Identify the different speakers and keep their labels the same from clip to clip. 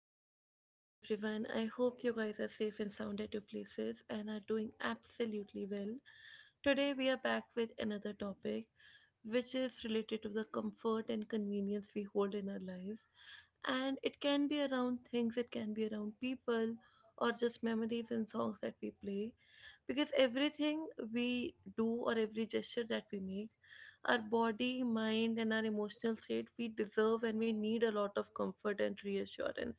Speaker 1: warm good morning to everyone. I hope you guys are safe and sound at your places and are doing absolutely well. Today we are back with another topic which is related to the comfort and convenience we hold in our life. And it can be around things, it can be around people or just memories and songs that we play, because everything we do or every gesture that we make, our body, mind, and our emotional state, we deserve and we need a lot of comfort and reassurance.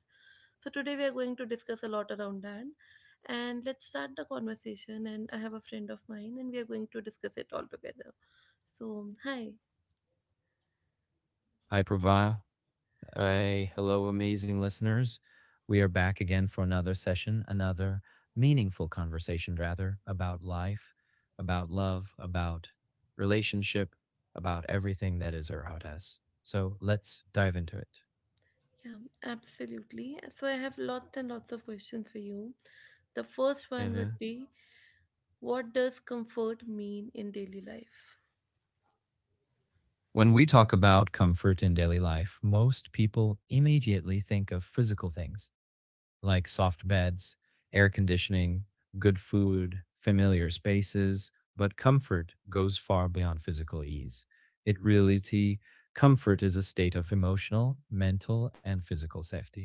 Speaker 1: So, today we are going to discuss a lot around that. And let's start the conversation. And I have a friend of mine, and we are going to discuss it all together. So, hi.
Speaker 2: Hi, Prava. Hey, hello, amazing listeners. We are back again for another session, another meaningful conversation, rather, about life, about love, about relationship, about everything that is around us. So let's dive into it.
Speaker 1: Yeah, absolutely. So, I have lots and lots of questions for you. The first one
Speaker 2: Evia?
Speaker 1: would be: what does comfort mean in daily life?
Speaker 2: When we talk about comfort in daily life, most people immediately think of physical things like soft beds, air conditioning, good food, familiar spaces, but comfort goes far beyond physical ease. In reality, comfort is a state of emotional, mental, and physical safety.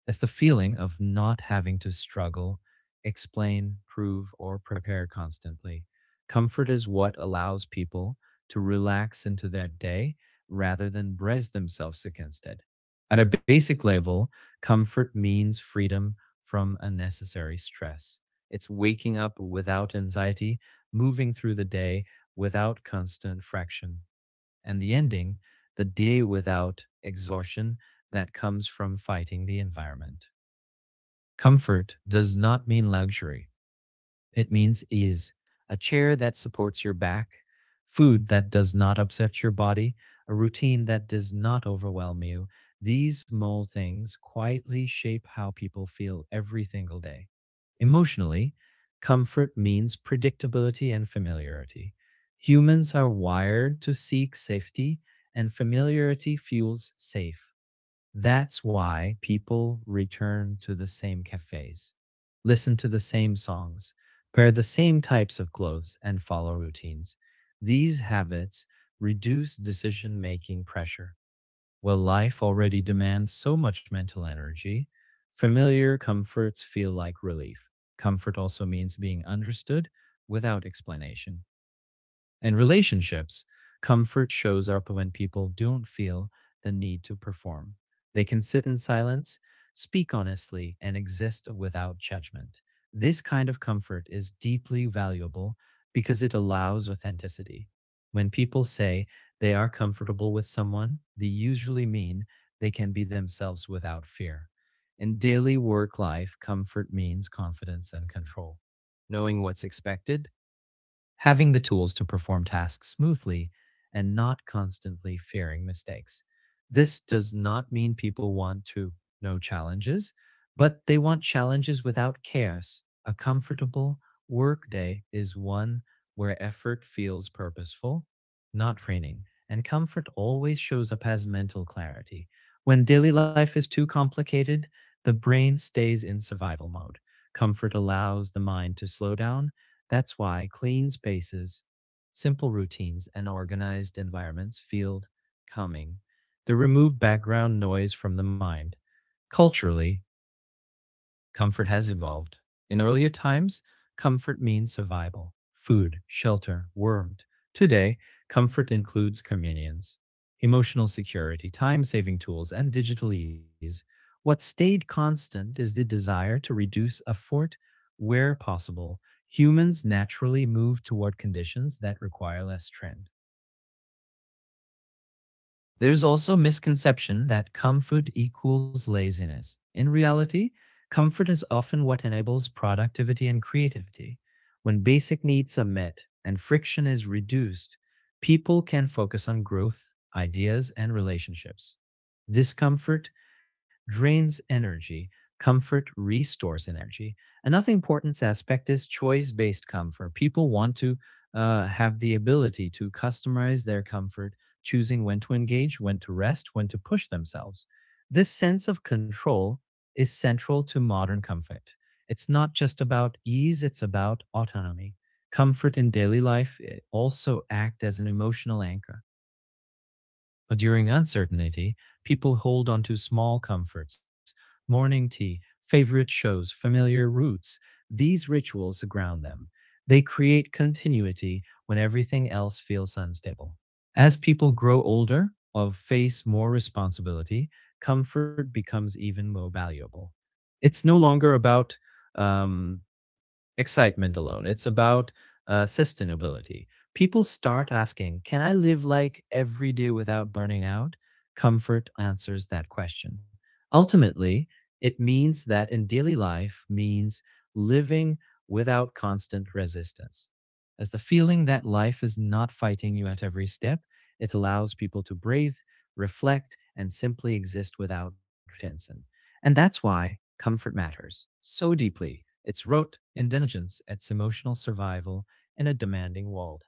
Speaker 2: It's the feeling of not having to struggle, explain, prove, or prepare constantly. Comfort is what allows people to relax into their day rather than brace themselves against it. At a basic level, comfort means freedom from unnecessary stress. It's waking up without anxiety, moving through the day without constant friction, and the ending, the day without exhaustion that comes from fighting the environment. Comfort does not mean luxury. It means is a chair that supports your back, food that does not upset your body, a routine that does not overwhelm you. These small things quietly shape how people feel every single day. Emotionally, comfort means predictability and familiarity. Humans are wired to seek safety, and familiarity fuels safe. That's why people return to the same cafes, listen to the same songs, wear the same types of clothes, and follow routines. These habits reduce decision making pressure. While life already demands so much mental energy, familiar comforts feel like relief. Comfort also means being understood without explanation and relationships. Comfort shows up when people don't feel the need to perform. They can sit in silence, speak honestly, and exist without judgment. This kind of comfort is deeply valuable because it allows authenticity. When people say they are comfortable with someone, they usually mean they can be themselves without fear. In daily work life, comfort means confidence and control. Knowing what's expected, having the tools to perform tasks smoothly, and not constantly fearing mistakes. This does not mean people want to no challenges, but they want challenges without chaos. A comfortable workday is one where effort feels purposeful, not draining, and comfort always shows up as mental clarity. When daily life is too complicated, the brain stays in survival mode. Comfort allows the mind to slow down. That's why clean spaces, simple routines, and organized environments feel calming. They remove background noise from the mind. Culturally, comfort has evolved. In earlier times, comfort means survival, food, shelter, warmth. Today, comfort includes convenience, emotional security, time saving tools, and digital ease. What stayed constant is the desire to reduce effort where possible. Humans naturally move toward conditions that require less trend. There's also misconception that comfort equals laziness. In reality, comfort is often what enables productivity and creativity. When basic needs are met and friction is reduced, people can focus on growth, ideas, and relationships. Discomfort drains energy, comfort restores energy. Another important aspect is choice based comfort. People want to have the ability to customize their comfort, choosing when to engage, when to rest, when to push themselves. This sense of control is central to modern comfort. It's not just about ease, it's about autonomy. Comfort in daily life also acts as an emotional anchor during uncertainty, people hold on to small comforts, morning tea, favorite shows, familiar routes. These rituals ground them. They create continuity when everything else feels unstable. As people grow older or face more responsibility, comfort becomes even more valuable. It's no longer about um, excitement alone. It's about sustainability. People start asking, can I live like every day without burning out? Comfort answers that question. Ultimately, it means that in daily life means living without constant resistance. As the feeling that life is not fighting you at every step, it allows people to breathe, reflect, and simply exist without tension. And that's why comfort matters so deeply, its rote and diligence, its emotional survival in a demanding world.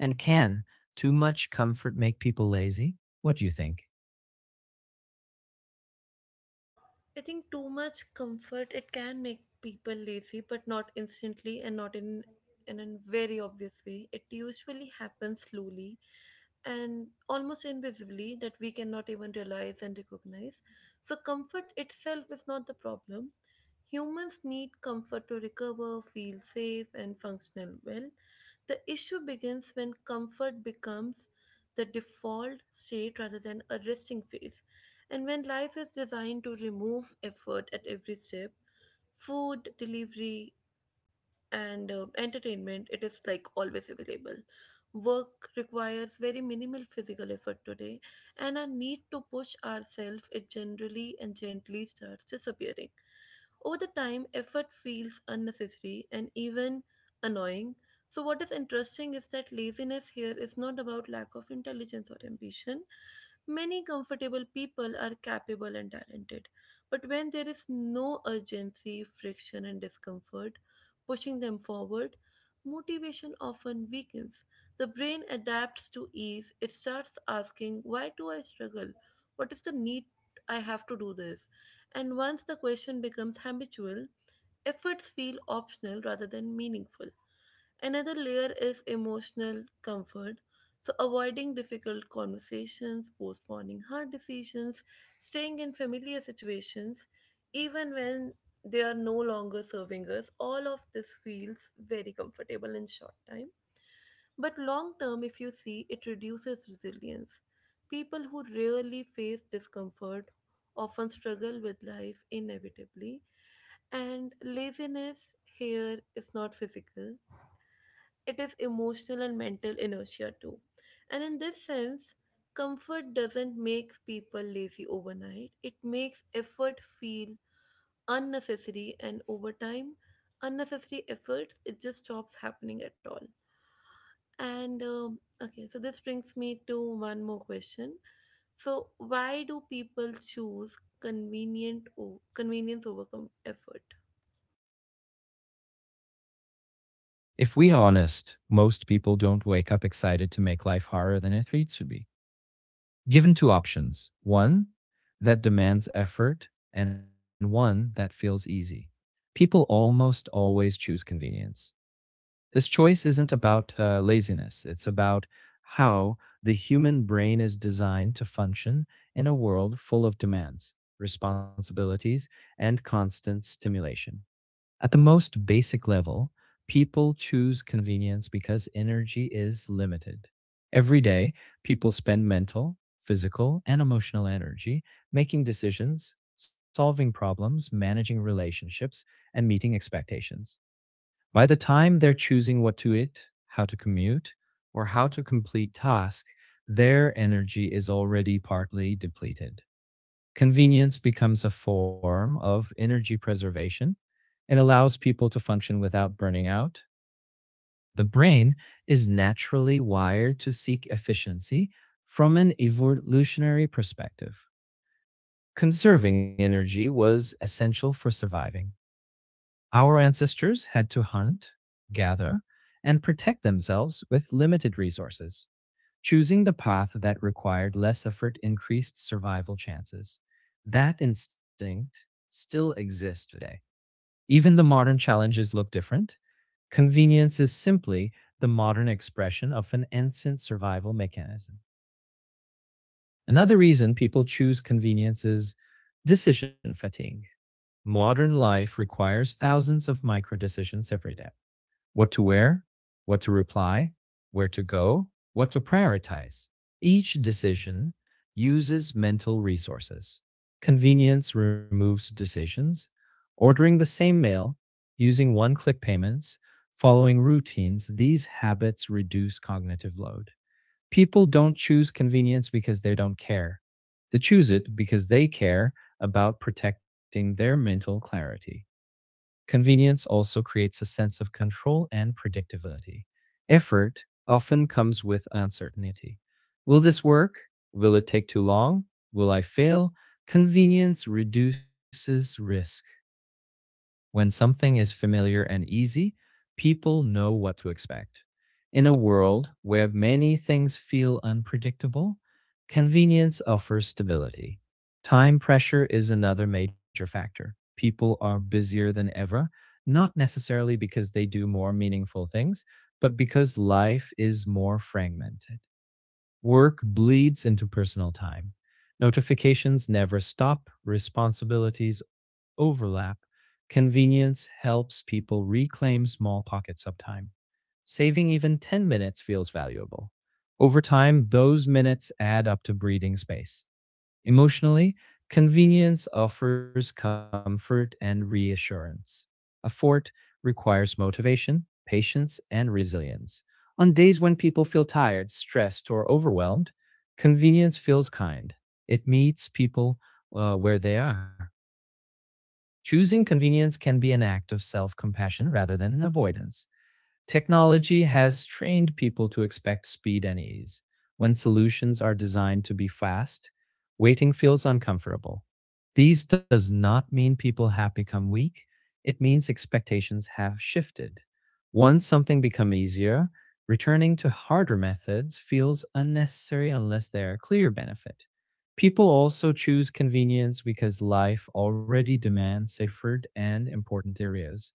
Speaker 2: And can too much comfort make people lazy? What do you think?
Speaker 1: I think too much comfort it can make people lazy, but not instantly and not in a very obvious way. It usually happens slowly and almost invisibly that we cannot even realize and recognize. So comfort itself is not the problem. Humans need comfort to recover, feel safe, and functional well. The issue begins when comfort becomes the default state rather than a resting phase. And when life is designed to remove effort at every step, food delivery, and entertainment, it is like always available, work requires very minimal physical effort today, and our need to push ourselves, it generally and gently starts disappearing. Over the time effort feels unnecessary and even annoying. So what is interesting is that laziness here is not about lack of intelligence or ambition. Many comfortable people are capable and talented, but when there is no urgency, friction, and discomfort pushing them forward, motivation often weakens. The brain adapts to ease. It starts asking, why do I struggle? What is the need I have to do this? And once the question becomes habitual, efforts feel optional rather than meaningful. Another layer is emotional comfort. So, avoiding difficult conversations, postponing hard decisions, staying in familiar situations, even when they are no longer serving us, all of this feels very comfortable in short time. But long term, if you see, it reduces resilience. People who rarely face discomfort often struggle with life inevitably. And laziness here is not physical, it is emotional and mental inertia too. And in this sense, comfort doesn't make people lazy overnight, it makes effort feel unnecessary, and over time, unnecessary efforts it just stops happening at all. So this brings me to one more question. So, why do people choose convenience over effort?
Speaker 2: If we are honest, most people don't wake up excited to make life harder than it needs to be. Given two options, one that demands effort, and one that feels easy. People almost always choose convenience. This choice isn't about laziness, it's about how the human brain is designed to function in a world full of demands, responsibilities, and constant stimulation. At the most basic level, people choose convenience because energy is limited. Every day, people spend mental, physical, and emotional energy making decisions, solving problems, managing relationships, and meeting expectations. By the time they're choosing what to eat, how to commute, or how to complete tasks, their energy is already partly depleted. Convenience becomes a form of energy preservation and allows people to function without burning out. The brain is naturally wired to seek efficiency from an evolutionary perspective. Conserving energy was essential for surviving. Our ancestors had to hunt, gather, and protect themselves with limited resources. Choosing the path that required less effort increased survival chances. That instinct still exists today. Even the modern challenges look different. Convenience is simply the modern expression of an ancient survival mechanism. Another reason people choose convenience is decision fatigue. Modern life requires thousands of micro decisions every day, what to wear, what to reply, where to go, what to prioritize. Each decision uses mental resources. Convenience removes decisions. Ordering the same meal, using one click payments, following routines, these habits reduce cognitive load. People don't choose convenience because they don't care. They choose it because they care about protecting their mental clarity. Convenience also creates a sense of control and predictability. Effort often comes with uncertainty. Will this work? Will it take too long? Will I fail? Convenience reduces risk. When something is familiar and easy, people know what to expect. In a world where many things feel unpredictable, convenience offers stability. Time pressure is another major factor. People are busier than ever, not necessarily because they do more meaningful things, but because life is more fragmented. Work bleeds into personal time. Notifications never stop, responsibilities overlap. Convenience helps people reclaim small pockets of time. Saving even 10 minutes feels valuable. Over time, those minutes add up to breathing space. Emotionally, convenience offers comfort and reassurance. A requires motivation, patience, and resilience. On days when people feel tired, stressed, or overwhelmed, convenience feels kind. It meets people where they are. Choosing convenience can be an act of self compassion rather than an avoidance. Technology has trained people to expect speed and ease. When solutions are designed to be fast, waiting feels uncomfortable. These does not mean people have become weak. It means expectations have shifted. Once something becomes easier, returning to harder methods feels unnecessary unless they are clear benefit. People also choose convenience because life already demands safer and important areas.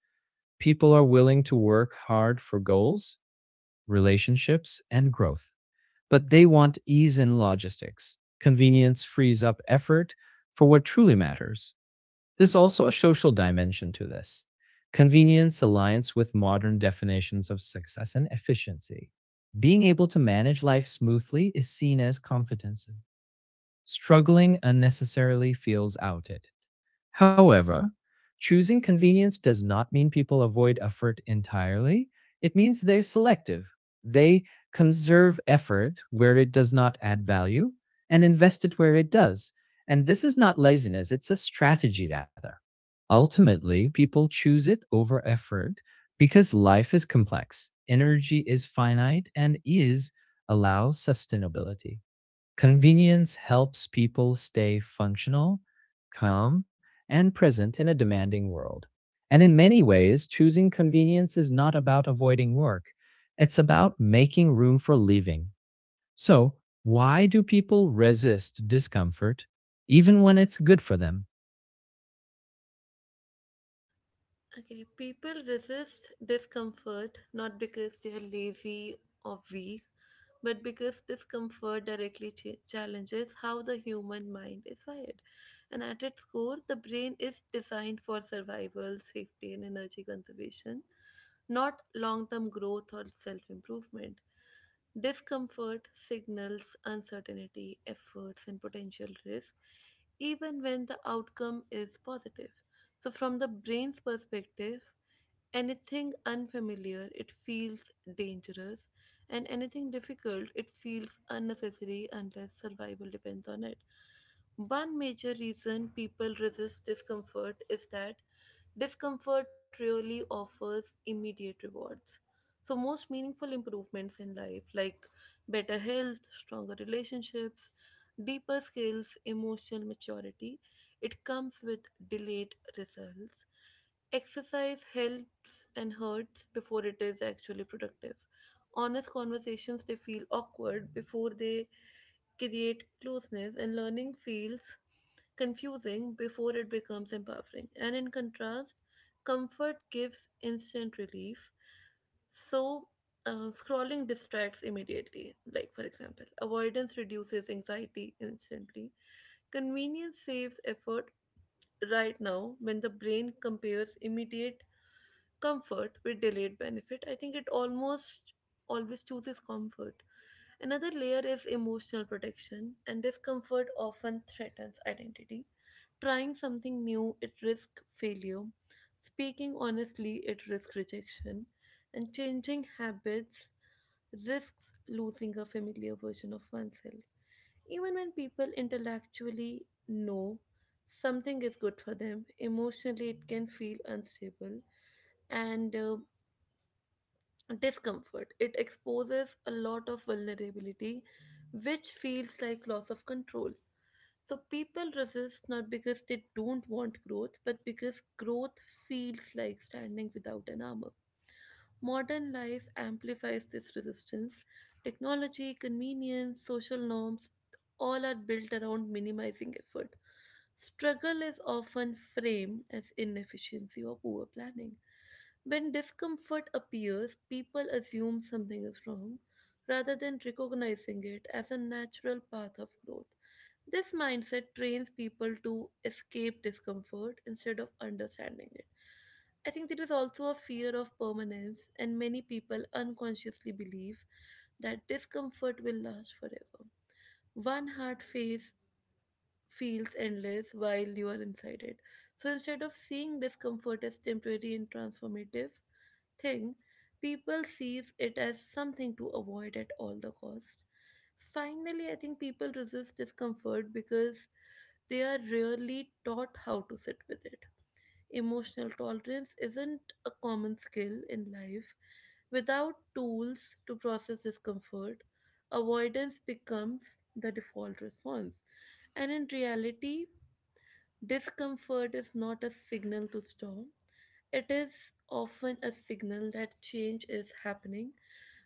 Speaker 2: People are willing to work hard for goals, relationships, and growth, but they want ease in logistics. Convenience frees up effort for what truly matters. There's also a social dimension to this. Convenience aligns with modern definitions of success and efficiency. Being able to manage life smoothly is seen as competency. Struggling unnecessarily feels outed. However, choosing convenience does not mean people avoid effort entirely. It means they're selective. They conserve effort where it does not add value and invest it where it does. And this is not laziness, it's a strategy rather. Ultimately, people choose it over effort because life is complex, energy is finite, and is allows sustainability. Convenience helps people stay functional, calm, and present in a demanding world. And in many ways, choosing convenience is not about avoiding work, it's about making room for living. So, why do people resist discomfort even when it's good for them?
Speaker 1: Okay, people resist discomfort not because they are lazy or weak, but because discomfort directly challenges how the human mind is wired. And at its core, the brain is designed for survival, safety, and energy conservation, not long term growth or self improvement. Discomfort signals uncertainty, efforts, and potential risk, even when the outcome is positive. So, from the brain's perspective, anything unfamiliar, it feels dangerous, and anything difficult, it feels unnecessary unless survival depends on it. One major reason people resist discomfort is that discomfort really offers immediate rewards. So, most meaningful improvements in life, like better health, stronger relationships, deeper skills, emotional maturity, it comes with delayed results. Exercise helps and hurts before it is actually productive. Honest conversations, they feel awkward before they create closeness, and learning feels confusing before it becomes empowering. And in contrast, comfort gives instant relief. So, scrolling distracts immediately. Like, for example, avoidance reduces anxiety instantly. Convenience saves effort right now. When the brain compares immediate comfort with delayed benefit, I think it almost always chooses comfort. Another layer is emotional protection, and discomfort often threatens identity. Trying something new, it risks failure. Speaking honestly, it risks rejection. And changing habits risks losing a familiar version of oneself. Even when people intellectually know something is good for them, emotionally it can feel unstable. And discomfort, it exposes a lot of vulnerability, which feels like loss of control. So people resist not because they don't want growth, but because growth feels like standing without an armor. Modern life amplifies this resistance. Technology, convenience, social norms, all are built around minimizing effort. Struggle is often framed as inefficiency or poor planning. When discomfort appears, people assume something is wrong rather than recognizing it as a natural path of growth. This mindset trains people to escape discomfort instead of understanding it. I think there is also a fear of permanence, and many people unconsciously believe that discomfort will last forever. One hard phase feels endless while you are inside it. So instead of seeing discomfort as temporary and transformative thing, people sees it as something to avoid at all the cost. Finally, I think people resist discomfort because they are rarely taught how to sit with it. Emotional tolerance isn't a common skill in life. Without tools to process discomfort, avoidance becomes the default response. And in reality, discomfort is not a signal to stop. It is often a signal that change is happening,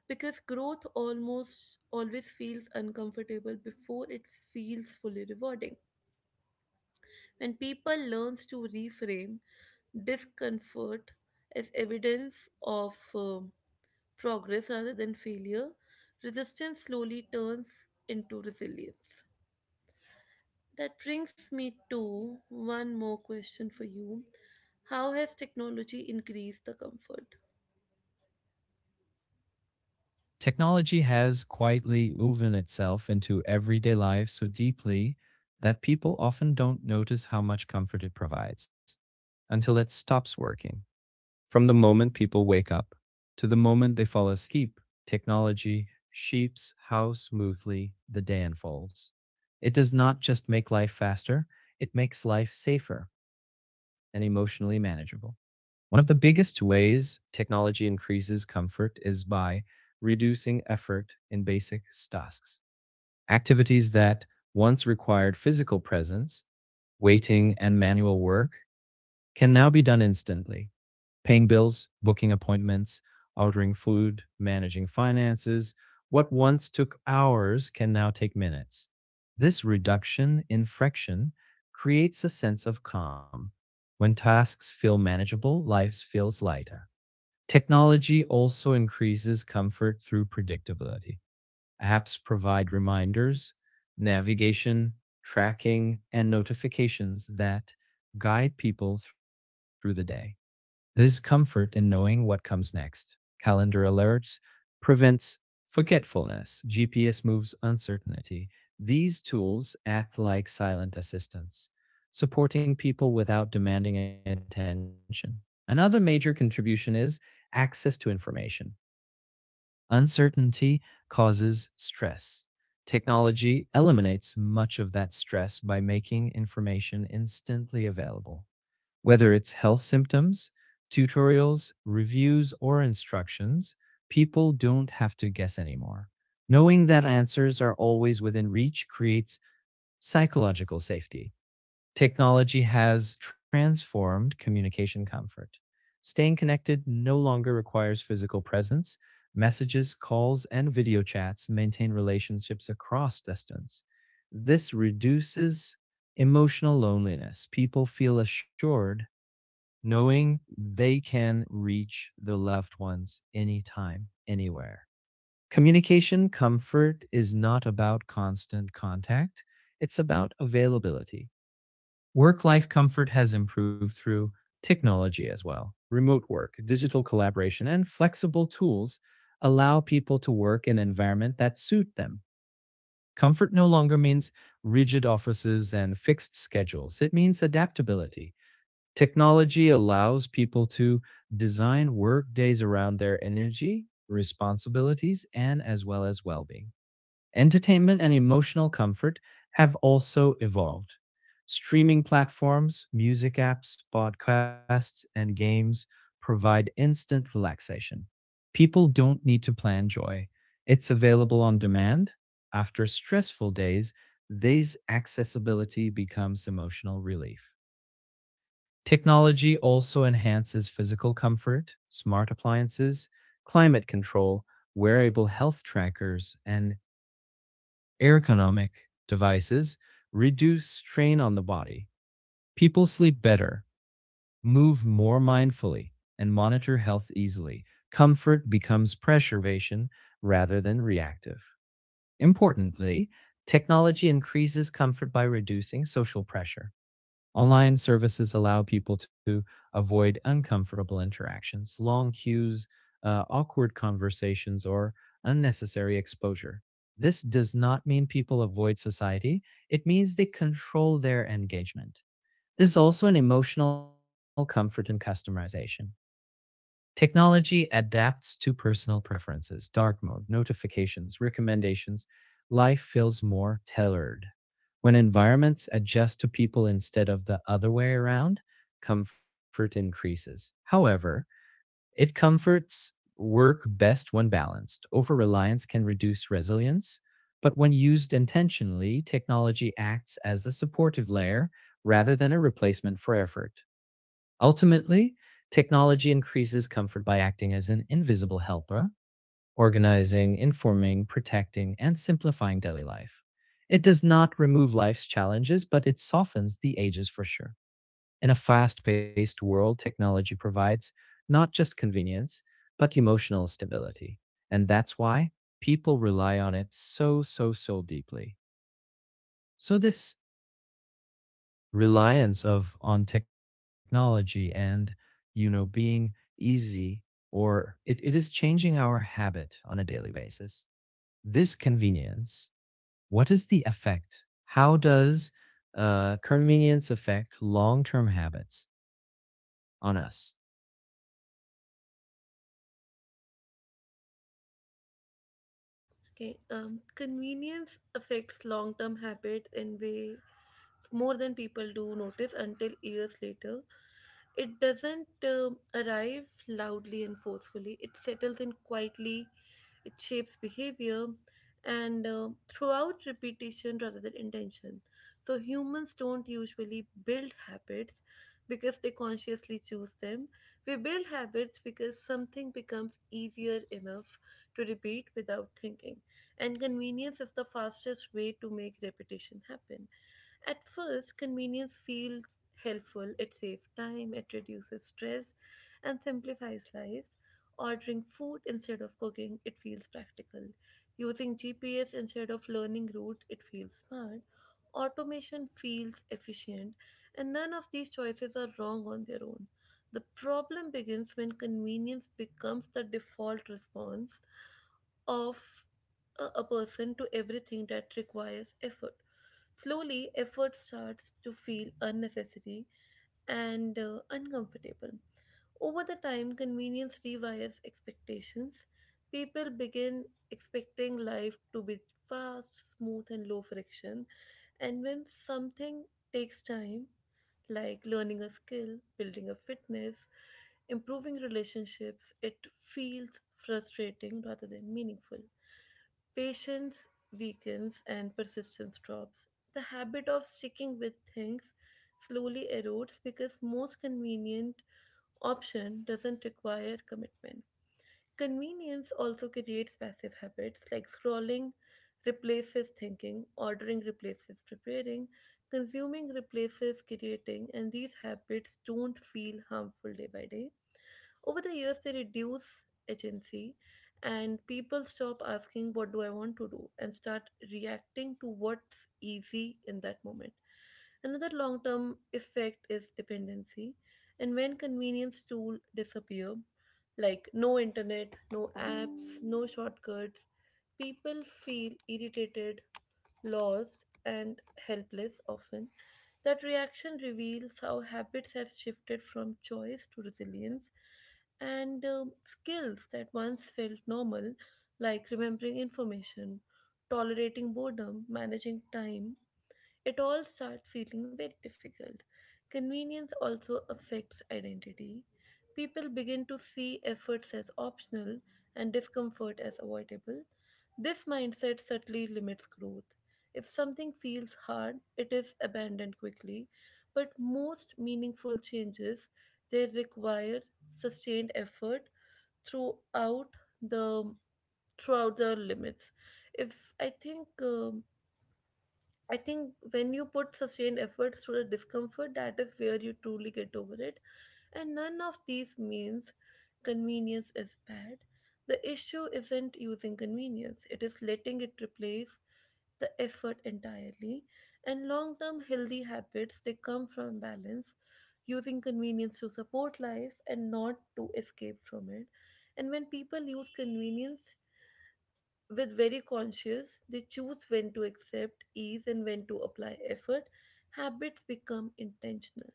Speaker 1: because growth almost always feels uncomfortable before it feels fully rewarding. When people learns to reframe discomfort as evidence of progress rather than failure, resistance slowly turns into resilience. That brings me to one more question for you. How has technology increased the comfort?
Speaker 2: Technology has quietly woven itself into everyday life so deeply that people often don't notice how much comfort it provides until it stops working. From the moment people wake up to the moment they fall asleep, technology shapes how smoothly the day unfolds. It does not just make life faster, it makes life safer and emotionally manageable. One of the biggest ways technology increases comfort is by reducing effort in basic tasks. Activities that once required physical presence, waiting, and manual work can now be done instantly, paying bills, booking appointments, ordering food, managing finances. What once took hours can now take minutes. This reduction in friction creates a sense of calm. When tasks feel manageable, life feels lighter. Technology also increases comfort through predictability. Apps provide reminders, navigation, tracking, and notifications that guide people through the day. This comfort in knowing what comes next, calendar alerts, prevents forgetfulness, GPS moves uncertainty. These tools act like silent assistants, supporting people without demanding attention. Another major contribution is access to information. Uncertainty causes stress. Technology eliminates much of that stress by making information instantly available. Whether it's health symptoms, tutorials, reviews, or instructions, people don't have to guess anymore. Knowing that answers are always within reach creates psychological safety. Technology has transformed communication comfort. Staying connected no longer requires physical presence. Messages, calls, and video chats maintain relationships across distance. This reduces emotional loneliness. People feel assured knowing they can reach the loved ones anytime, anywhere. Communication comfort is not about constant contact, it's about availability. Work life comfort has improved through technology as well. Remote work, digital collaboration, and flexible tools allow people to work in an environment that suits them. Comfort no longer means rigid offices and fixed schedules, it means adaptability. Technology allows people to design work days around their energy, responsibilities, and as well being. Entertainment and emotional comfort have also evolved. Streaming platforms, music apps, podcasts, and games provide instant relaxation. People don't need to plan joy. It's available on demand. After stressful days, this accessibility becomes emotional relief. Technology also enhances physical comfort, smart appliances, climate control, wearable health trackers, and ergonomic devices reduce strain on the body. People sleep better, move more mindfully, and monitor health easily. Comfort becomes preservation rather than reactive. Importantly, technology increases comfort by reducing social pressure. Online services allow people to avoid uncomfortable interactions, long queues, awkward conversations, or unnecessary exposure. This does not mean people avoid society, it means they control their engagement. There's also an emotional comfort in customization. Technology adapts to personal preferences, dark mode, notifications, recommendations. Life feels more tailored. When environments adjust to people instead of the other way around, comfort increases. However, it comforts work best when balanced. Over reliance can reduce resilience, but when used intentionally, technology acts as the supportive layer rather than a replacement for effort. Ultimately, technology increases comfort by acting as an invisible helper, organizing, informing, protecting, and simplifying daily life. It does not remove life's challenges, but it softens the edges for sure. In a fast paced world, technology provides not just convenience, but emotional stability. And that's why people rely on it so deeply. So, this reliance of on technology and being easy or it is changing our habit on a daily basis. This convenience, what is the effect? How does convenience affect long-term habits on us?
Speaker 1: Okay, convenience affects long term habits in way more than people do notice until years later. It doesn't arrive loudly and forcefully, it settles in quietly, it shapes behavior and throughout repetition rather than intention. So, humans don't usually build habits because they consciously choose them. We build habits because something becomes easier enough to repeat without thinking, and convenience is the fastest way to make repetition happen. At first, convenience feels helpful. It saves time, it reduces stress, and simplifies lives. Ordering food instead of cooking, it feels practical. Using GPS instead of learning route, it feels smart. Automation feels efficient, and none of these choices are wrong on their own. The problem begins when convenience becomes the default response of a person to everything that requires effort. Slowly, effort starts to feel unnecessary and uncomfortable. Over the time, convenience rewires expectations. People begin expecting life to be fast, smooth, and low friction. And when something takes time, like learning a skill, building a fitness, improving relationships, it feels frustrating rather than meaningful. Patience weakens and persistence drops. The habit of sticking with things slowly erodes because most convenient option doesn't require commitment. Convenience also creates passive habits. Like scrolling replaces thinking, ordering replaces preparing, consuming replaces creating, and these habits don't feel harmful day by day. Over the years, they reduce agency, and people stop asking, what do I want to do? And start reacting to what's easy in that moment. Another long term effect is dependency. And when convenience tools disappear, like no internet, no apps, no shortcuts, people feel irritated, lost, and helpless often. That reaction reveals how habits have shifted from choice to resilience, and skills that once felt normal, like remembering information, tolerating boredom, managing time, it all start feeling very difficult. Convenience also affects identity. People begin to see efforts as optional and discomfort as avoidable. This mindset subtly limits growth. If something feels hard, it is abandoned quickly, but most meaningful changes they require sustained effort throughout the throughout the limits. If I think I think when you put sustained efforts through the discomfort, that is where you truly get over it. And none of these means convenience is bad. The issue isn't using convenience, it is letting it replace the effort entirely. And long term healthy habits they come from balance, using convenience to support life and not to escape from it. And when people use convenience with very conscious, they choose when to accept ease and when to apply effort. Habits become intentional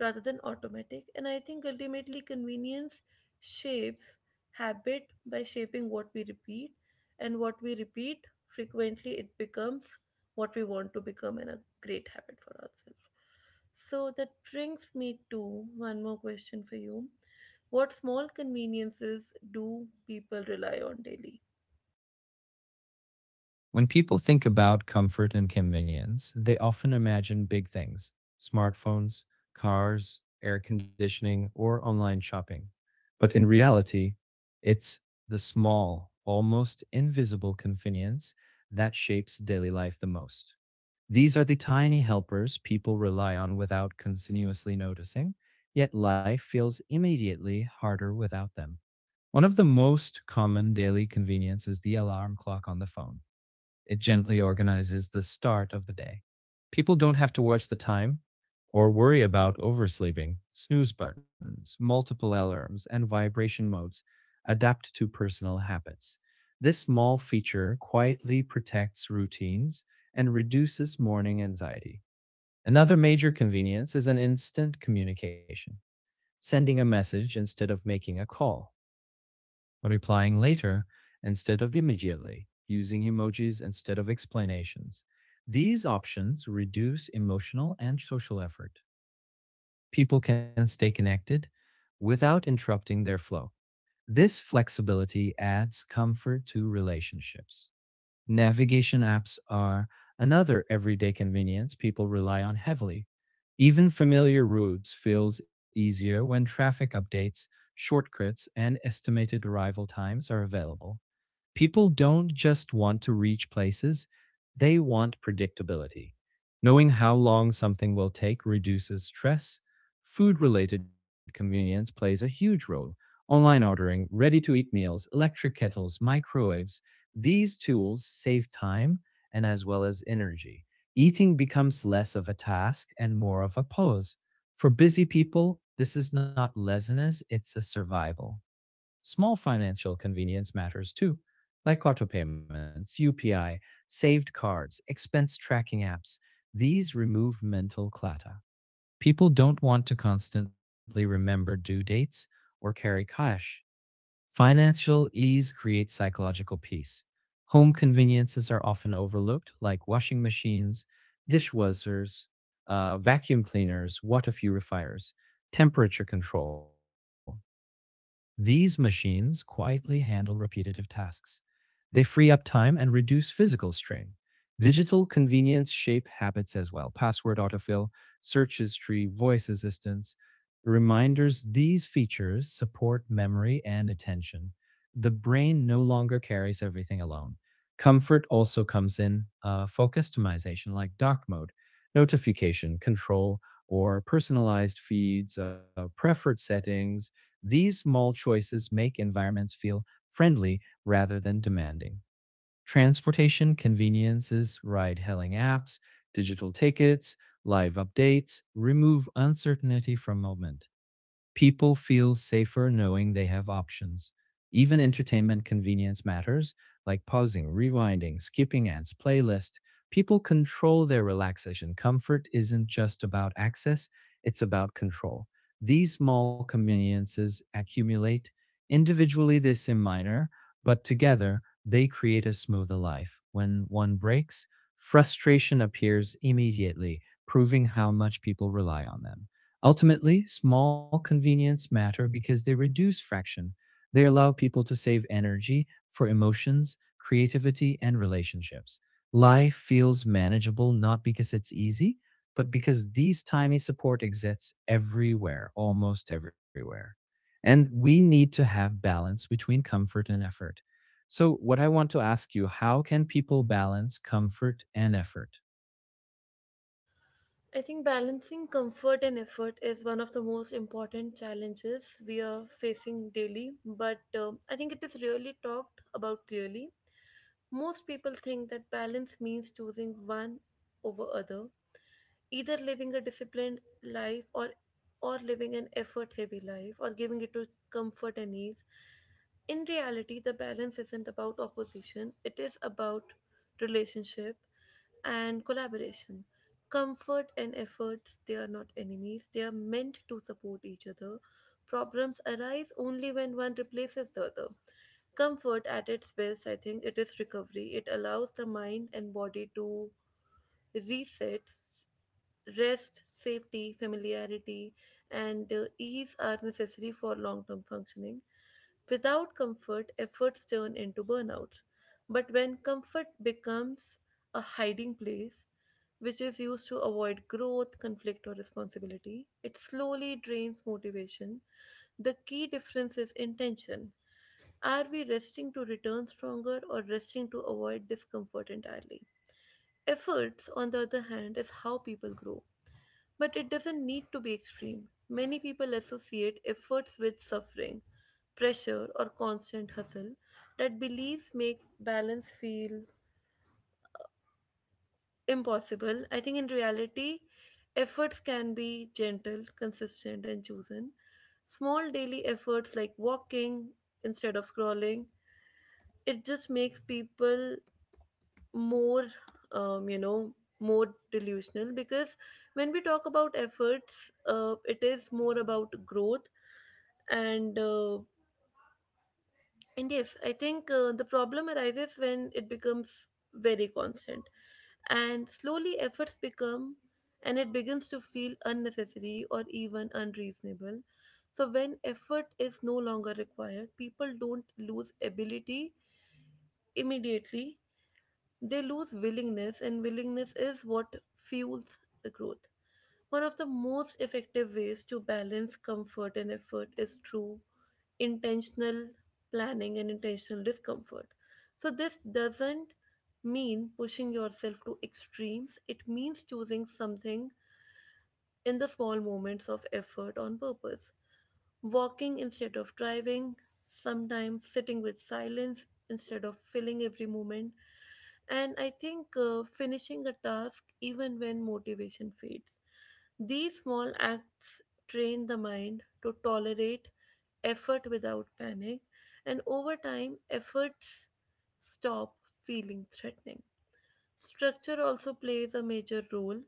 Speaker 1: rather than automatic, and I think ultimately convenience shapes habit by shaping what we repeat, and what we repeat frequently, it becomes what we want to become and a great habit for ourselves. So that brings me to one more question for you. What small conveniences do people rely on daily?
Speaker 2: When people think about comfort and convenience, they often imagine big things: smartphones, cars, air conditioning, or online shopping. But in reality, it's the small, almost invisible convenience that shapes daily life the most. These are the tiny helpers people rely on without continuously noticing, yet life feels immediately harder without them. One of the most common daily conveniences is the alarm clock on the phone. It gently organizes the start of the day. People don't have to watch the time or worry about oversleeping. Snooze buttons, multiple alarms, and vibration modes adapt to personal habits. This small feature quietly protects routines and reduces morning anxiety. Another major convenience is an instant communication, sending a message instead of making a call, replying later instead of immediately, using emojis instead of explanations. These options reduce emotional and social effort. People can stay connected without interrupting their flow. This flexibility adds comfort to relationships. Navigation apps are another everyday convenience people rely on heavily. Even familiar routes feels easier when traffic updates, shortcuts, and estimated arrival times are available. People don't just want to reach places, they want predictability. Knowing how long something will take reduces stress. Food related convenience plays a huge role. Online ordering, ready to eat meals, electric kettles, microwaves, these tools save time and as well as energy. Eating becomes less of a task and more of a pose. For busy people, this is not laziness, it's a survival. Small financial convenience matters too, like auto payments, UPI, saved cards, expense tracking apps. These remove mental clutter. People don't want to constantly remember due dates or carry cash. Financial ease creates psychological peace. Home conveniences are often overlooked, like washing machines, dishwashers, vacuum cleaners, water purifiers, temperature control. These machines quietly handle repetitive tasks. They free up time and reduce physical strain. Digital convenience shape habits as well. Password autofill, search history, voice assistance, reminders. These features support memory and attention. The brain no longer carries everything alone. Comfort also comes in focus optimization like dock mode, notification control, or personalized feeds, preferred settings, these mall choices make environments feel friendly rather than demanding. Transportation, conveniences, ride hailing apps, digital tickets, live updates remove uncertainty from movement. People feel safer knowing they have options. Even entertainment convenience matters, like pausing, rewinding, skipping ads, playlist. People control their relaxation. Comfort isn't just about access, it's about control. These small conveniences accumulate. Individually, they seem minor, but together, they create a smoother life. When one breaks, frustration appears immediately, proving how much people rely on them. Ultimately, small conveniences matter because they reduce friction. They allow people to save energy for emotions, creativity, and relationships. Life feels manageable not because it's easy, but because these tiny support exists everywhere, almost everywhere. And we need to have balance between comfort and effort. So, what I want to ask you, how can people balance comfort and effort?
Speaker 1: I think balancing comfort and effort is one of the most important challenges we are facing daily, but I think it is rarely talked about clearly. Most people think that balance means choosing one over other, either living a disciplined life or living an effort heavy life or giving it to comfort and ease. In reality the balance isn't about opposition, it is about relationship and collaboration. Comfort and efforts, they are not enemies, they are meant to support each other. Problems arise only when one replaces the other. Comfort at its best, I think it is recovery. It allows the mind and body to reset. Rest, safety, familiarity, and ease are necessary for long term functioning. Without comfort, efforts turn into burnouts. But when comfort becomes a hiding place, which is used to avoid growth, conflict, or responsibility, it slowly drains motivation. The key difference is intention. Are we resting to return stronger or resting to avoid discomfort entirely? Efforts, on the other hand, is how people grow. But it doesn't need to be extreme. Many people associate efforts with suffering, pressure, or constant hustle. That beliefs make balance feel impossible. I think in reality, efforts can be gentle, consistent, and chosen. Small daily efforts like walking instead of scrolling, it just makes people more um, you know more delusional, because when we talk about efforts it is more about growth. And and yes, I think the problem arises when it becomes very constant, and slowly efforts become and it begins to feel unnecessary or even unreasonable. So when effort is no longer required, people don't lose ability immediately, they lose willingness, and willingness is what fuels the growth. One of the most effective ways to balance comfort and effort is through intentional planning and intentional discomfort. So, this doesn't mean pushing yourself to extremes, it means choosing something in the small moments of effort on purpose. Walking instead of driving, sometimes sitting with silence instead of filling every moment. And I think finishing a task even when motivation fades. These small acts train the mind to tolerate effort without panic, and over time, efforts stop feeling threatening. Structure also plays a major role.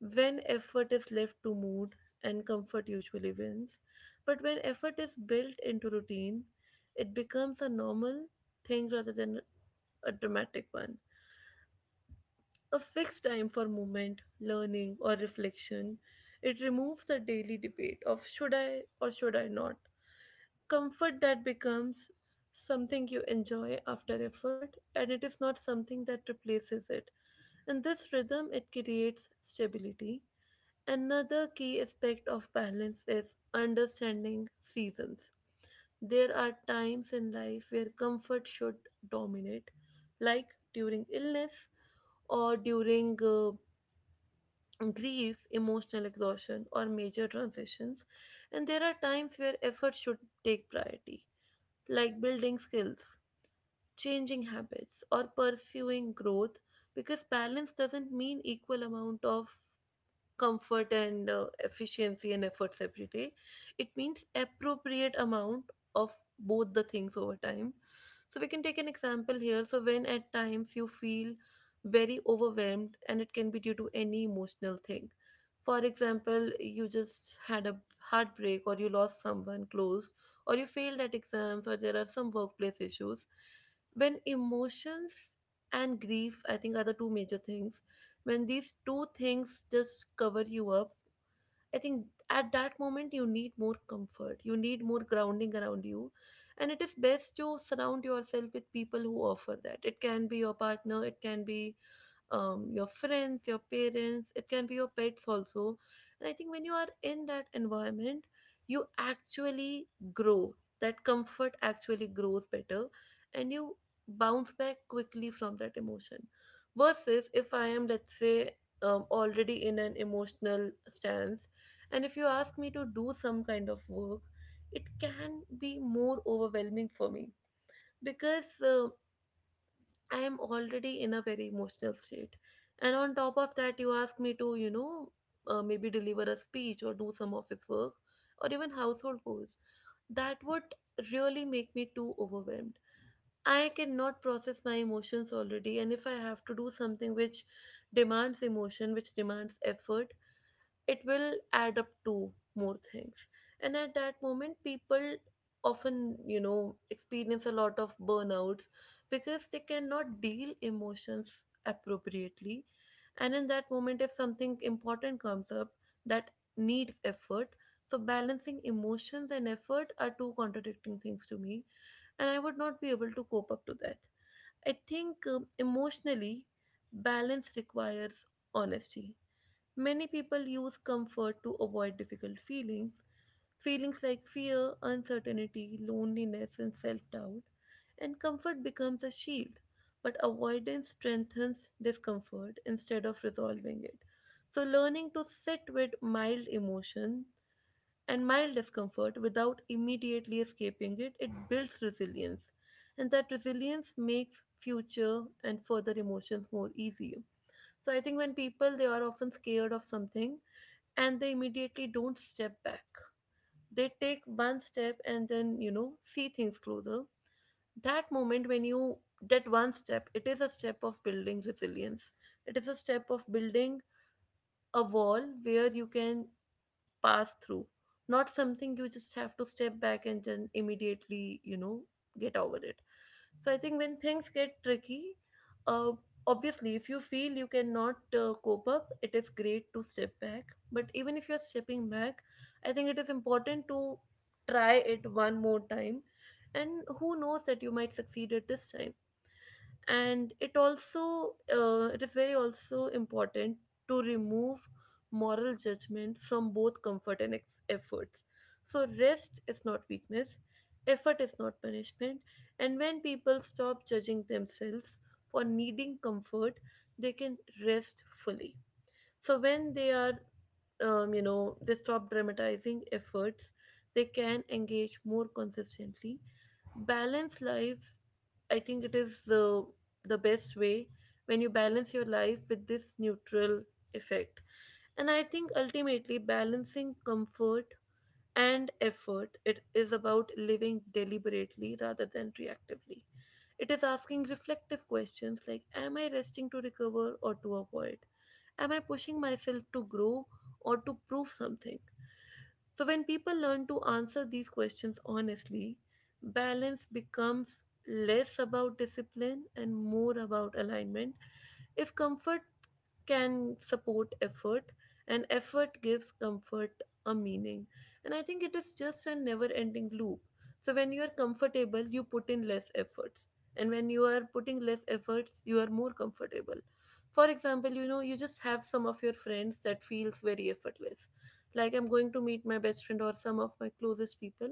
Speaker 1: When effort is left to mood and comfort usually wins, but when effort is built into routine, it becomes a normal thing rather than a dramatic one. A fixed time for movement, learning, or reflection, it removes the daily debate of should I or should I not. Comfort that becomes something you enjoy after effort, and it is not something that replaces it. In this rhythm, it creates stability. Another key aspect of balance is understanding seasons. There are times in life where comfort should dominate, like during illness or during grief, emotional exhaustion, or major transitions. And there are times where effort should take priority, like building skills, changing habits, or pursuing growth, because balance doesn't mean equal amount of comfort and efficiency and efforts every day. It means appropriate amount of both the things over time. So we can take an example here. So when at times you feel very overwhelmed, and it can be due to any emotional thing, for example you just had a heartbreak or you lost someone close, or you failed at exams or there are some workplace issues. When emotions and grief, I think, are the two major things, when these two things just cover you up, I think at that moment you need more comfort, you need more grounding around you. And it is best to surround yourself with people who offer that. It can be your partner, it can be your friends, your parents, it can be your pets also. And I think when you are in that environment, you actually grow. That comfort actually grows better and you bounce back quickly from that emotion. Versus if I am, let's say, already in an emotional stance, and if you ask me to do some kind of work, it can be more overwhelming for me, because I am already in a very emotional state. And on top of that, you ask me to, you know, maybe deliver a speech or do some office work or even household chores. That would really make me too overwhelmed. I cannot process my emotions already. And if I have to do something which demands emotion, which demands effort, it will add up to more things. And at that moment people often, you know, experience a lot of burnouts, because they cannot deal emotions appropriately. And in that moment if something important comes up that needs effort, so balancing emotions and effort are two contradicting things to me, and I would not be able to cope up to that. I think emotionally balance requires honesty. Many people use comfort to avoid difficult feelings, feelings like fear, uncertainty, loneliness, and self doubt, and comfort becomes a shield. But avoidance strengthens discomfort instead of resolving it. So, learning to sit with mild emotion and mild discomfort without immediately escaping it, it builds resilience. And that resilience makes future and further emotions more easier. So I think when people they are often scared of something, and they immediately don't step back. They take one step and then, you know, see things closer. That moment when you, that one step, it is a step of building resilience. It is a step of building a wall where you can pass through, not something you just have to step back and then immediately, you know, get over it. So I think when things get tricky, uh, obviously, if you feel you cannot cope up, it is great to step back. But even if you're stepping back, I think it is important to try it one more time. And who knows that you might succeed at this time. And it also it is very also important to remove moral judgment from both comfort and efforts. So rest is not weakness, effort is not punishment. And when people stop judging themselves for needing comfort, they can rest fully. So when they are they stop dramatizing efforts, they can engage more consistently. Balance life, I think it is the best way, when you balance your life with this neutral effect. And I think ultimately balancing comfort and effort, it is about living deliberately rather than reactively. It is asking reflective questions like am I resting to recover or to avoid, am I pushing myself to grow or to prove something? So, when people learn to answer these questions honestly, balance becomes less about discipline and more about alignment. If comfort can support effort, and effort gives comfort a meaning. And I think it is just a never ending loop. So, when you are comfortable, you put in less efforts. And when you are putting less efforts, you are more comfortable. For example, you know, you just have some of your friends that feels very effortless, like I'm going to meet my best friend or some of my closest people,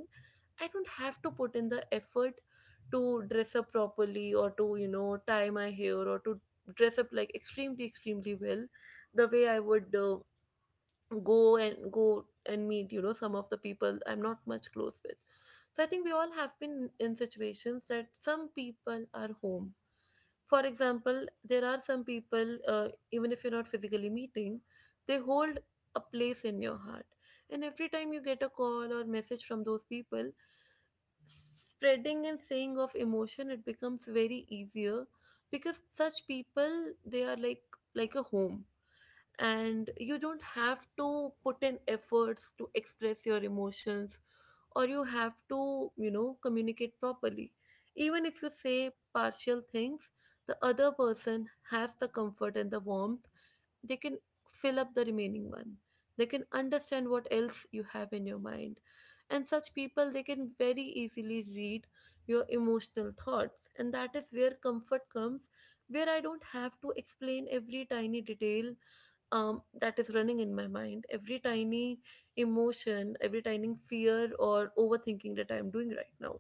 Speaker 1: I don't have to put in the effort to dress up properly or to, you know, tie my hair or to dress up like extremely extremely well the way I would go and meet, you know, some of the people I'm not much close with. So I think we all have been in situations that some people are home. For example, there are some people, even if you're not physically meeting, they hold a place in your heart. And every time you get a call or message from those people, spreading and saying of emotion, it becomes very easier, because such people, they are like a home, and you don't have to put in efforts to express your emotions, or you have to, you know, communicate properly. Even if you say partial things, the other person has the comfort and the warmth, they can fill up the remaining one, they can understand what else you have in your mind. And such people, they can very easily read your emotional thoughts, and that is where comfort comes, where I don't have to explain every tiny detail, that is running in my mind, every tiny emotion, every tiny fear or overthinking that I'm doing right now.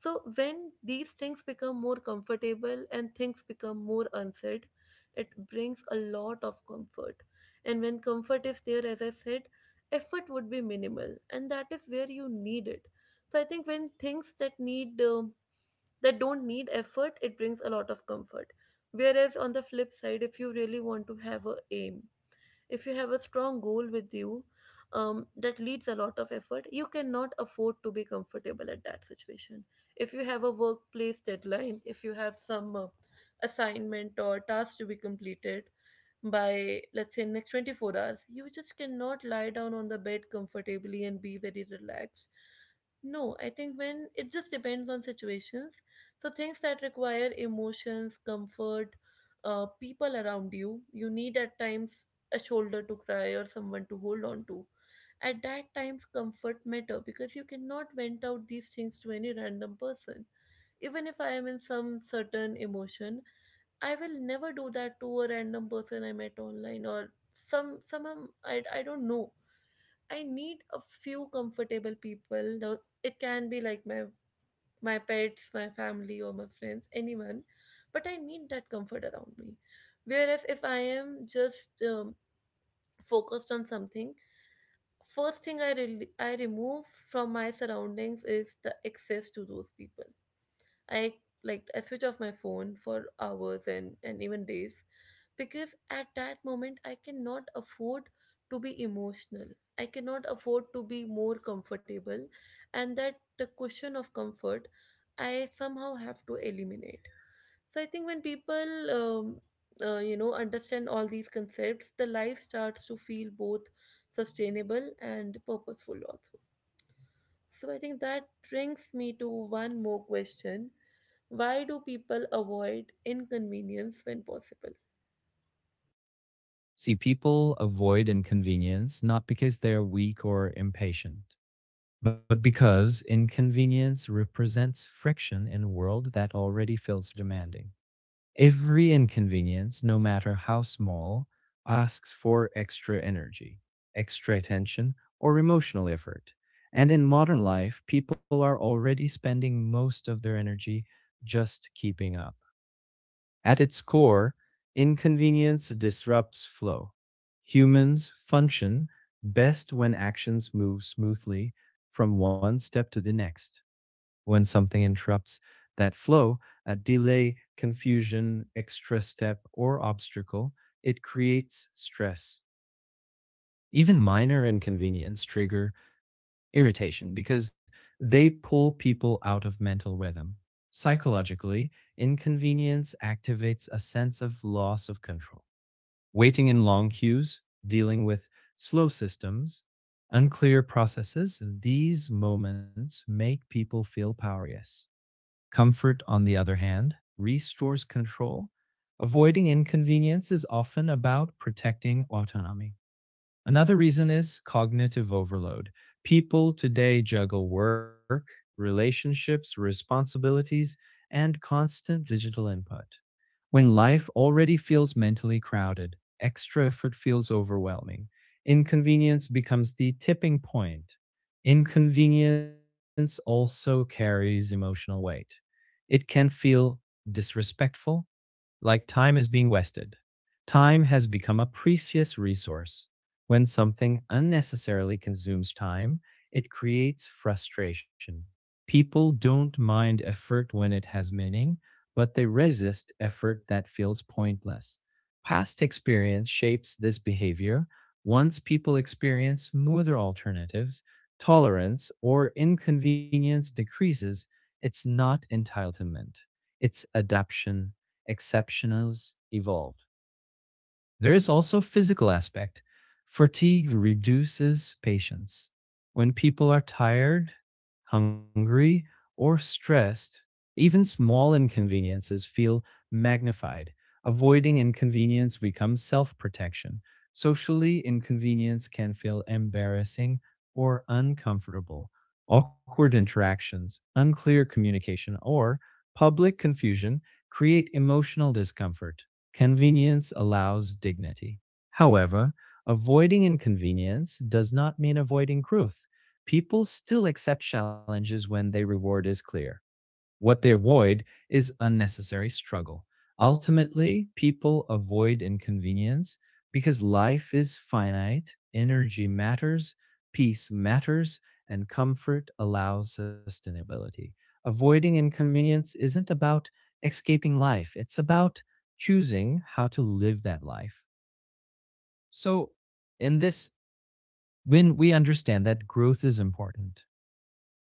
Speaker 1: So when these things become more comfortable and things become more unsaid, it brings a lot of comfort. And when comfort is there, as I said, effort would be minimal, and that is where you need it. So I think when things that need that don't need effort, it brings a lot of comfort. Whereas on the flip side, if you really want to have a aim, if you have a strong goal with you, that leads a lot of effort. You cannot afford to be comfortable at that situation. If you have a workplace deadline, if you have some assignment or task to be completed by, let's say, next 24 hours, you just cannot lie down on the bed comfortably and be very relaxed. No, I think when it just depends on situations. So things that require emotions, comfort, people around you, you need at times a shoulder to cry or someone to hold on to. At that times, comfort matter because you cannot vent out these things to any random person. Even if I am in some certain emotion, I will never do that to a random person I met online or some I don't know. I need a few comfortable people. Now, it can be like my pets, my family, or my friends, anyone. But I need that comfort around me. Whereas if I am just focused on something, first thing I remove from my surroundings is the access to those people. I, like, I switch off my phone for hours and even days because at that moment I cannot afford to be emotional. I cannot afford to be more comfortable, and that the cushion of comfort I somehow have to eliminate. So I think when people, you know, understand all these concepts, the life starts to feel both sustainable and purposeful also. So I think that brings me to one more question. Why do people avoid inconvenience when possible?
Speaker 2: See, people avoid inconvenience not because they're weak or impatient, but because inconvenience represents friction in a world that already feels demanding. Every inconvenience, no matter how small, asks for extra energy, extra attention, or emotional effort. And in modern life, people are already spending most of their energy just keeping up. At its core, inconvenience disrupts flow. Humans function best when actions move smoothly from one step to the next. When something interrupts that flow, a delay, confusion, extra step, or obstacle, it creates stress. Even minor inconvenience trigger irritation because they pull people out of mental rhythm. Psychologically, inconvenience activates a sense of loss of control. Waiting in long queues, dealing with slow systems, unclear processes, these moments make people feel powerless. Comfort, on the other hand, restores control. Avoiding inconvenience is often about protecting autonomy. Another reason is cognitive overload. People today juggle work, relationships, responsibilities, and constant digital input. When life already feels mentally crowded, extra effort feels overwhelming. Inconvenience becomes the tipping point. Inconvenience also carries emotional weight. It can feel disrespectful, like time is being wasted. Time has become a precious resource. When something unnecessarily consumes time, it creates frustration. People don't mind effort when it has meaning, but they resist effort that feels pointless. Past experience shapes this behavior. Once people experience smoother alternatives, tolerance or inconvenience decreases. It's not entitlement, it's adaptation exceptionals evolve. There is also physical aspect. Fatigue reduces patience. When people are tired, hungry, or stressed, even small inconveniences feel magnified. Avoiding inconvenience becomes self protection. Socially, inconvenience can feel embarrassing or uncomfortable. Awkward interactions, unclear communication, or public confusion create emotional discomfort. Convenience allows dignity. However, avoiding inconvenience does not mean avoiding truth. People still accept challenges when their reward is clear. What they avoid is unnecessary struggle. Ultimately, people avoid inconvenience because life is finite, energy matters, peace matters, and comfort allows sustainability. Avoiding inconvenience isn't about escaping life, it's about choosing how to live that life. So, in this, when we understand that growth is important,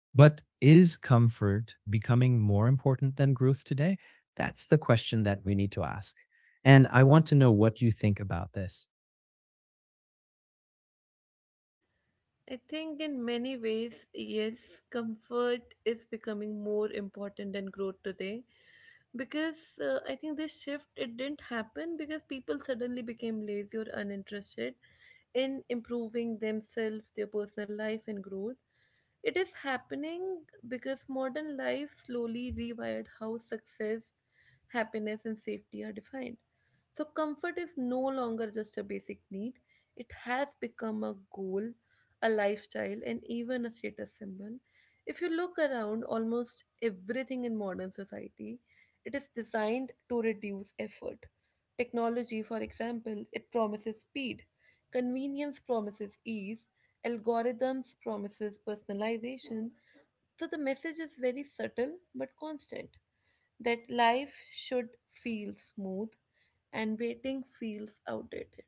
Speaker 2: but is comfort becoming more important than growth today? That's the question that we need to ask. And I want to know what you think about this.
Speaker 1: I think in many ways, yes, comfort is becoming more important than growth today because I think this shift, it didn't happen because people suddenly became lazy or uninterested in improving themselves, their personal life, and growth. It is happening because modern life slowly rewired how success, happiness, and safety are defined. So, comfort is no longer just a basic need, it has become a goal, a lifestyle, and even a status symbol. If you look around, almost everything in modern society, it is designed to reduce effort. Technology, for example, it promises speed. Convenience promises ease. Algorithms promises personalization. So the message is very subtle but constant, that life should feel smooth and waiting feels outdated.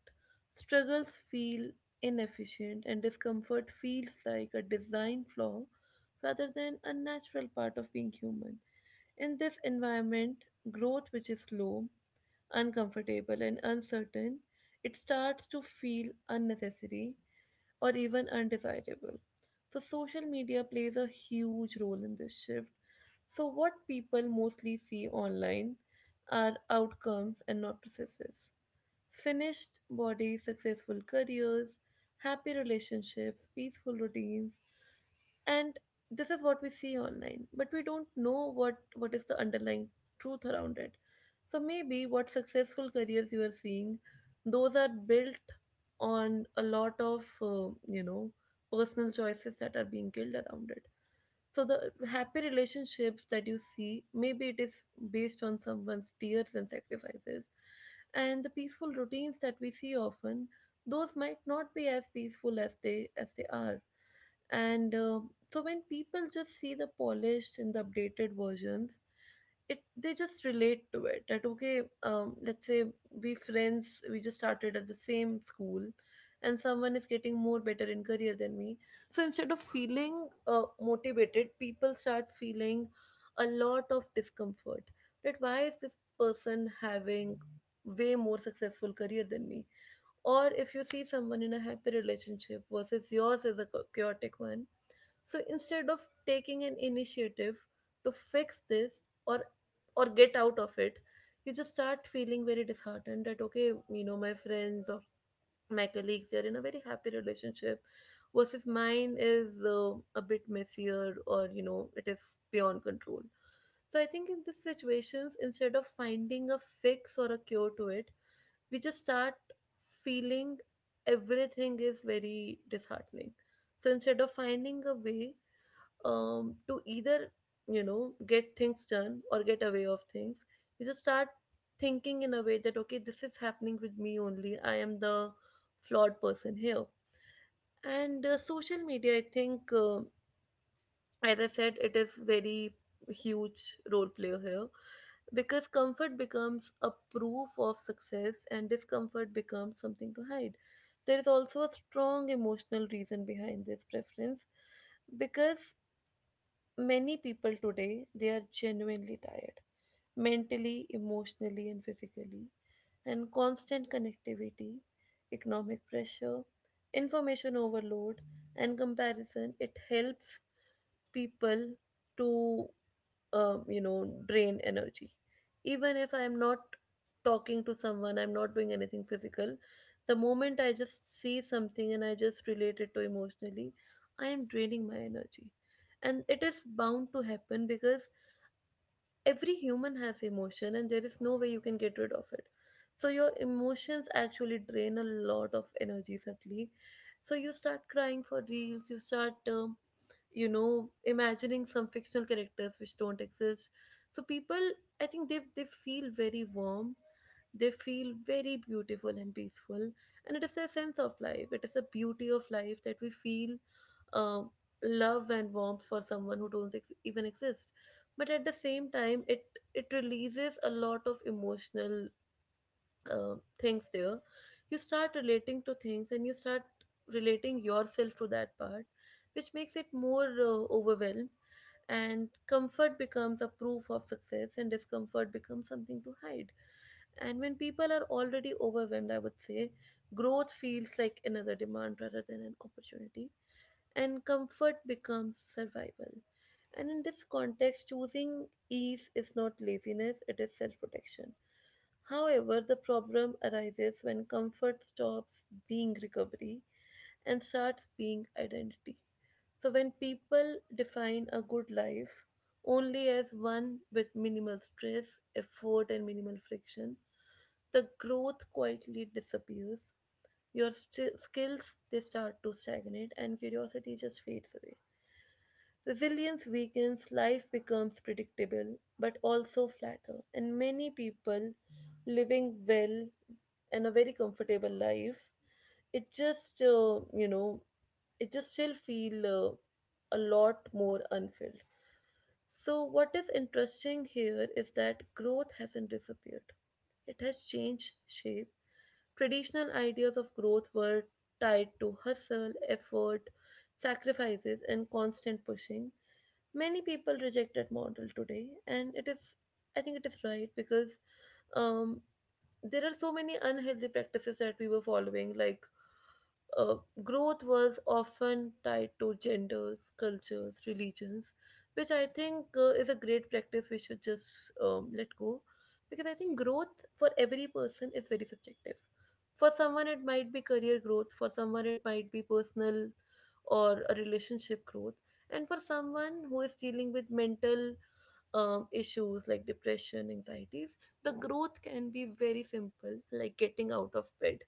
Speaker 1: Struggles feel inefficient and discomfort feels like a design flaw rather than a natural part of being human. In this environment, growth, which is slow, uncomfortable, and uncertain, it starts to feel unnecessary or even undesirable. So, social media plays a huge role in this shift. So, what people mostly see online are outcomes and not processes. Finished bodies, successful careers, happy relationships, peaceful routines, and this is what we see online, but we don't know what is the underlying truth around it. So maybe what successful careers you are seeing, those are built on a lot of you know, personal choices that are being killed around it. So the happy relationships that you see, maybe it is based on someone's tears and sacrifices. And the peaceful routines that we see often, those might not be as peaceful as they are. And so when people just see the polished and the updated versions, it, they just relate to it that, okay, let's say we friends, we just started at the same school and someone is getting more better in career than me. So instead of feeling motivated, people start feeling a lot of discomfort, that why is this person having way more successful career than me? Or if you see someone in a happy relationship versus yours is a chaotic one, so instead of taking an initiative to fix this or get out of it, you just start feeling very disheartened that, okay, you know, my friends or my colleagues, they are in a very happy relationship versus mine is a bit messier, or you know, it is beyond control. So I think in these situations, instead of finding a fix or a cure to it, we just start feeling everything is very disheartening. So instead of finding a way to either, you know, get things done or get away of things, you just start thinking in a way that, okay, this is happening with me only, I am the flawed person here. And social media, I think, as I said, it is very huge role player here, because comfort becomes a proof of success and discomfort becomes something to hide. There is also a strong emotional reason behind this preference, because many people today, they are genuinely tired, mentally, emotionally, and physically. And constant connectivity, economic pressure, information overload, and comparison, it helps people to, you know, drain energy. Even if I am not talking to someone, I'm not doing anything physical, the moment I just see something and I just relate it to emotionally, I am draining my energy. And it is bound to happen because every human has emotion and there is no way you can get rid of it. So your emotions actually drain a lot of energy subtly. So you start crying for reels, you start you know, imagining some fictional characters which don't exist. So people, I think they feel very warm, they feel very beautiful and peaceful, and it is a sense of life, it is a beauty of life that we feel um, love and warmth for someone who don't even exist. But at the same time, it releases a lot of emotional things there. You start relating to things and you start relating yourself to that part, which makes it more overwhelmed. And comfort becomes a proof of success and discomfort becomes something to hide. And when people are already overwhelmed, I would say growth feels like another demand rather than an opportunity, and comfort becomes survival. And in this context, choosing ease is not laziness, it is self protection. However, the problem arises when comfort stops being recovery and starts being identity. So, when people define a good life only as one with minimal stress, effort, and minimal friction, the growth quietly disappears. Your skills, they start to stagnate and curiosity just fades away. Resilience weakens, life becomes predictable but also flatter. And many people living well and a very comfortable life, it just, you know, it just still feel a lot more unfilled. So what is interesting here is that growth hasn't disappeared. It has changed shape. Traditional ideas of growth were tied to hustle, effort, sacrifices, and constant pushing. Many people reject that model today, and it is, I think, it is right because um, there are so many unhealthy practices that we were following, like, uh, growth was often tied to genders, cultures, religions, which I think is a great practice we should just let go, because I think growth for every person is very subjective. For someone, it might be career growth, for someone, it might be personal or a relationship growth, and for someone who is dealing with mental issues like depression, anxieties, the growth can be very simple, like getting out of bed,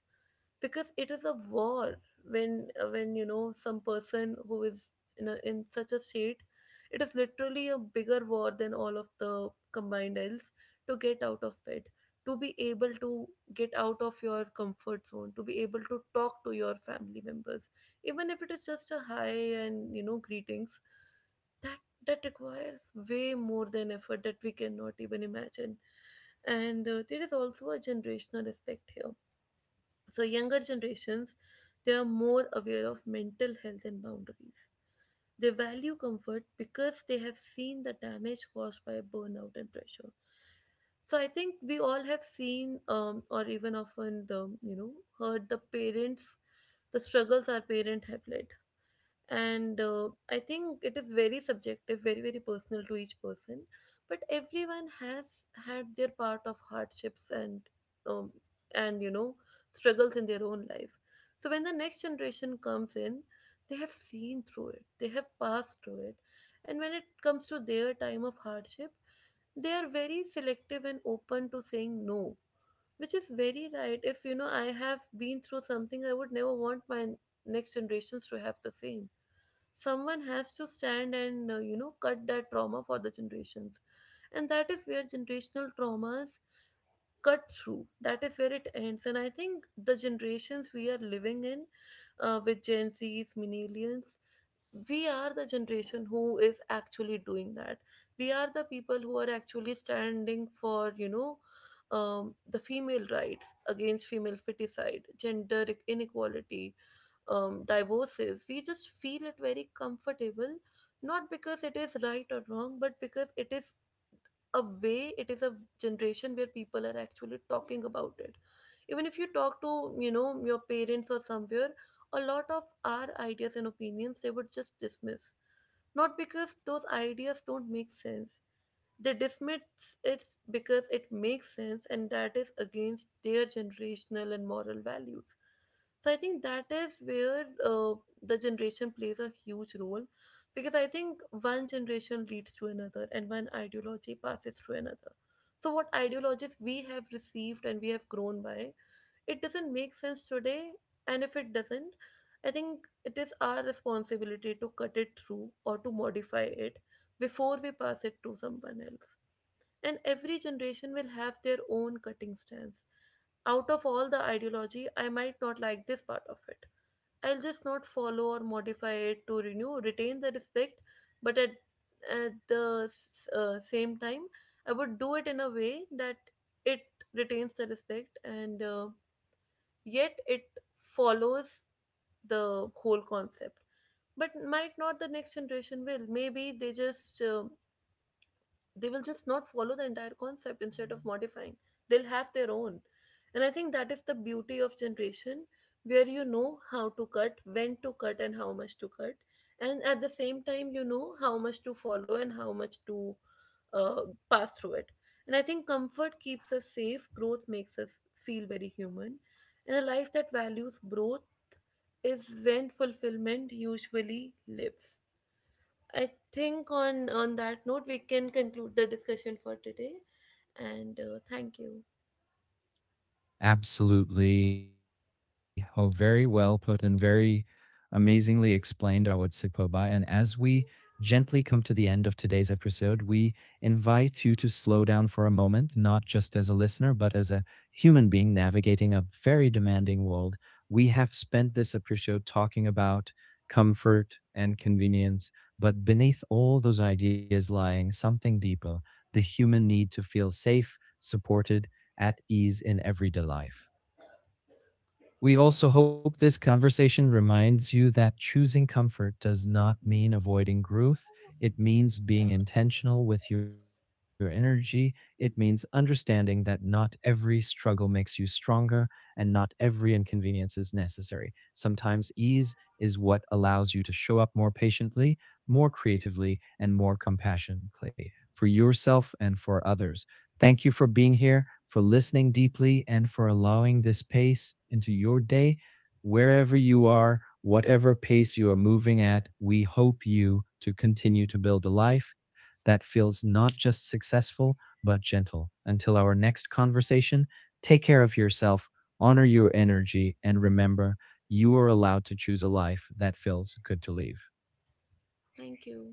Speaker 1: because it is a war. When when you know some person who is in in such a state, it is literally a bigger war than all of the combined else to get out of bed, to be able to get out of your comfort zone, to be able to talk to your family members, even if it is just a hi and, you know, greetings, that that requires way more than effort that we cannot even imagine. And there is also a generational aspect here. So, younger generations, they are more aware of mental health and boundaries. They value comfort because they have seen the damage caused by burnout and pressure. So, I think we all have seen, or even often, the, you know, heard the parents, the struggles our parents have led. And I think it is very subjective, very personal to each person, but everyone has had their part of hardships and, um, and, you know, struggles in their own life. So when the next generation comes in, they have seen through it, they have passed through it, and when it comes to their time of hardship, they are very selective and open to saying no, which is very right. If you know I have been through something, I would never want my next generations to have the same. Someone has to stand and, you know, cut that trauma for the generations, and that is where generational traumas cut through, that is where it ends. And I think the generations we are living in, with Gen Z's, millennials, we are the generation who is actually doing that. We are the people who are actually standing for, you know, the female rights against female feticide, gender inequality, divorces, we just feel it very comfortable, not because it is right or wrong, but because it is a way, it is a generation where people are actually talking about it. Even if you talk to, you know, your parents or somewhere, a lot of our ideas and opinions, they would just dismiss. Not because those ideas don't make sense, they dismiss it because it makes sense, and that is against their generational and moral values. So I think that is where the generation plays a huge role, because I think one generation leads to another and one ideology passes to another. So what ideologies we have received and we have grown by, it doesn't make sense today. And if it doesn't, I think it is our responsibility to cut it through or to modify it before we pass it to someone else, and every generation will have their own cutting stance. Out of all the ideology, I might not like this part of it, I'll just not follow or modify it to renew, retain the respect, but at the same time, I would do it in a way that it retains the respect and, yet it follows the whole concept. But might not the next generation will. Maybe they just, they will just not follow the entire concept. Instead of modifying, they'll have their own. And I think that is the beauty of generation, where you know how to cut, when to cut, and how much to cut, and at the same time you know how much to follow and how much to uh, pass through it. And I think comfort keeps us safe, growth makes us feel very human, and a life that values growth is when fulfillment usually lives. I think on that note we can conclude the discussion for today, and, thank you.
Speaker 2: Absolutely. Oh, very well put and very amazingly explained, I would say, Koba. And as we gently come to the end of today's episode, we invite you to slow down for a moment, not just as a listener, but as a human being navigating a very demanding world. We have spent this episode talking about comfort and convenience, but beneath all those ideas lying something deeper, the human need to feel safe, supported, at ease in everyday life. We also hope this conversation reminds you that choosing comfort does not mean avoiding growth. It means being intentional with your energy. It means understanding that not every struggle makes you stronger and not every inconvenience is necessary. Sometimes ease is what allows you to show up more patiently, more creatively, and more compassionately for yourself and for others. Thank you for being here, for listening deeply, and for allowing this pace into your day. Wherever you are, whatever pace you are moving at, we hope you to continue to build a life that feels not just successful, but gentle. Until our next conversation, take care of yourself, honor your energy, and remember you are allowed to choose a life that feels good to live.
Speaker 1: Thank you.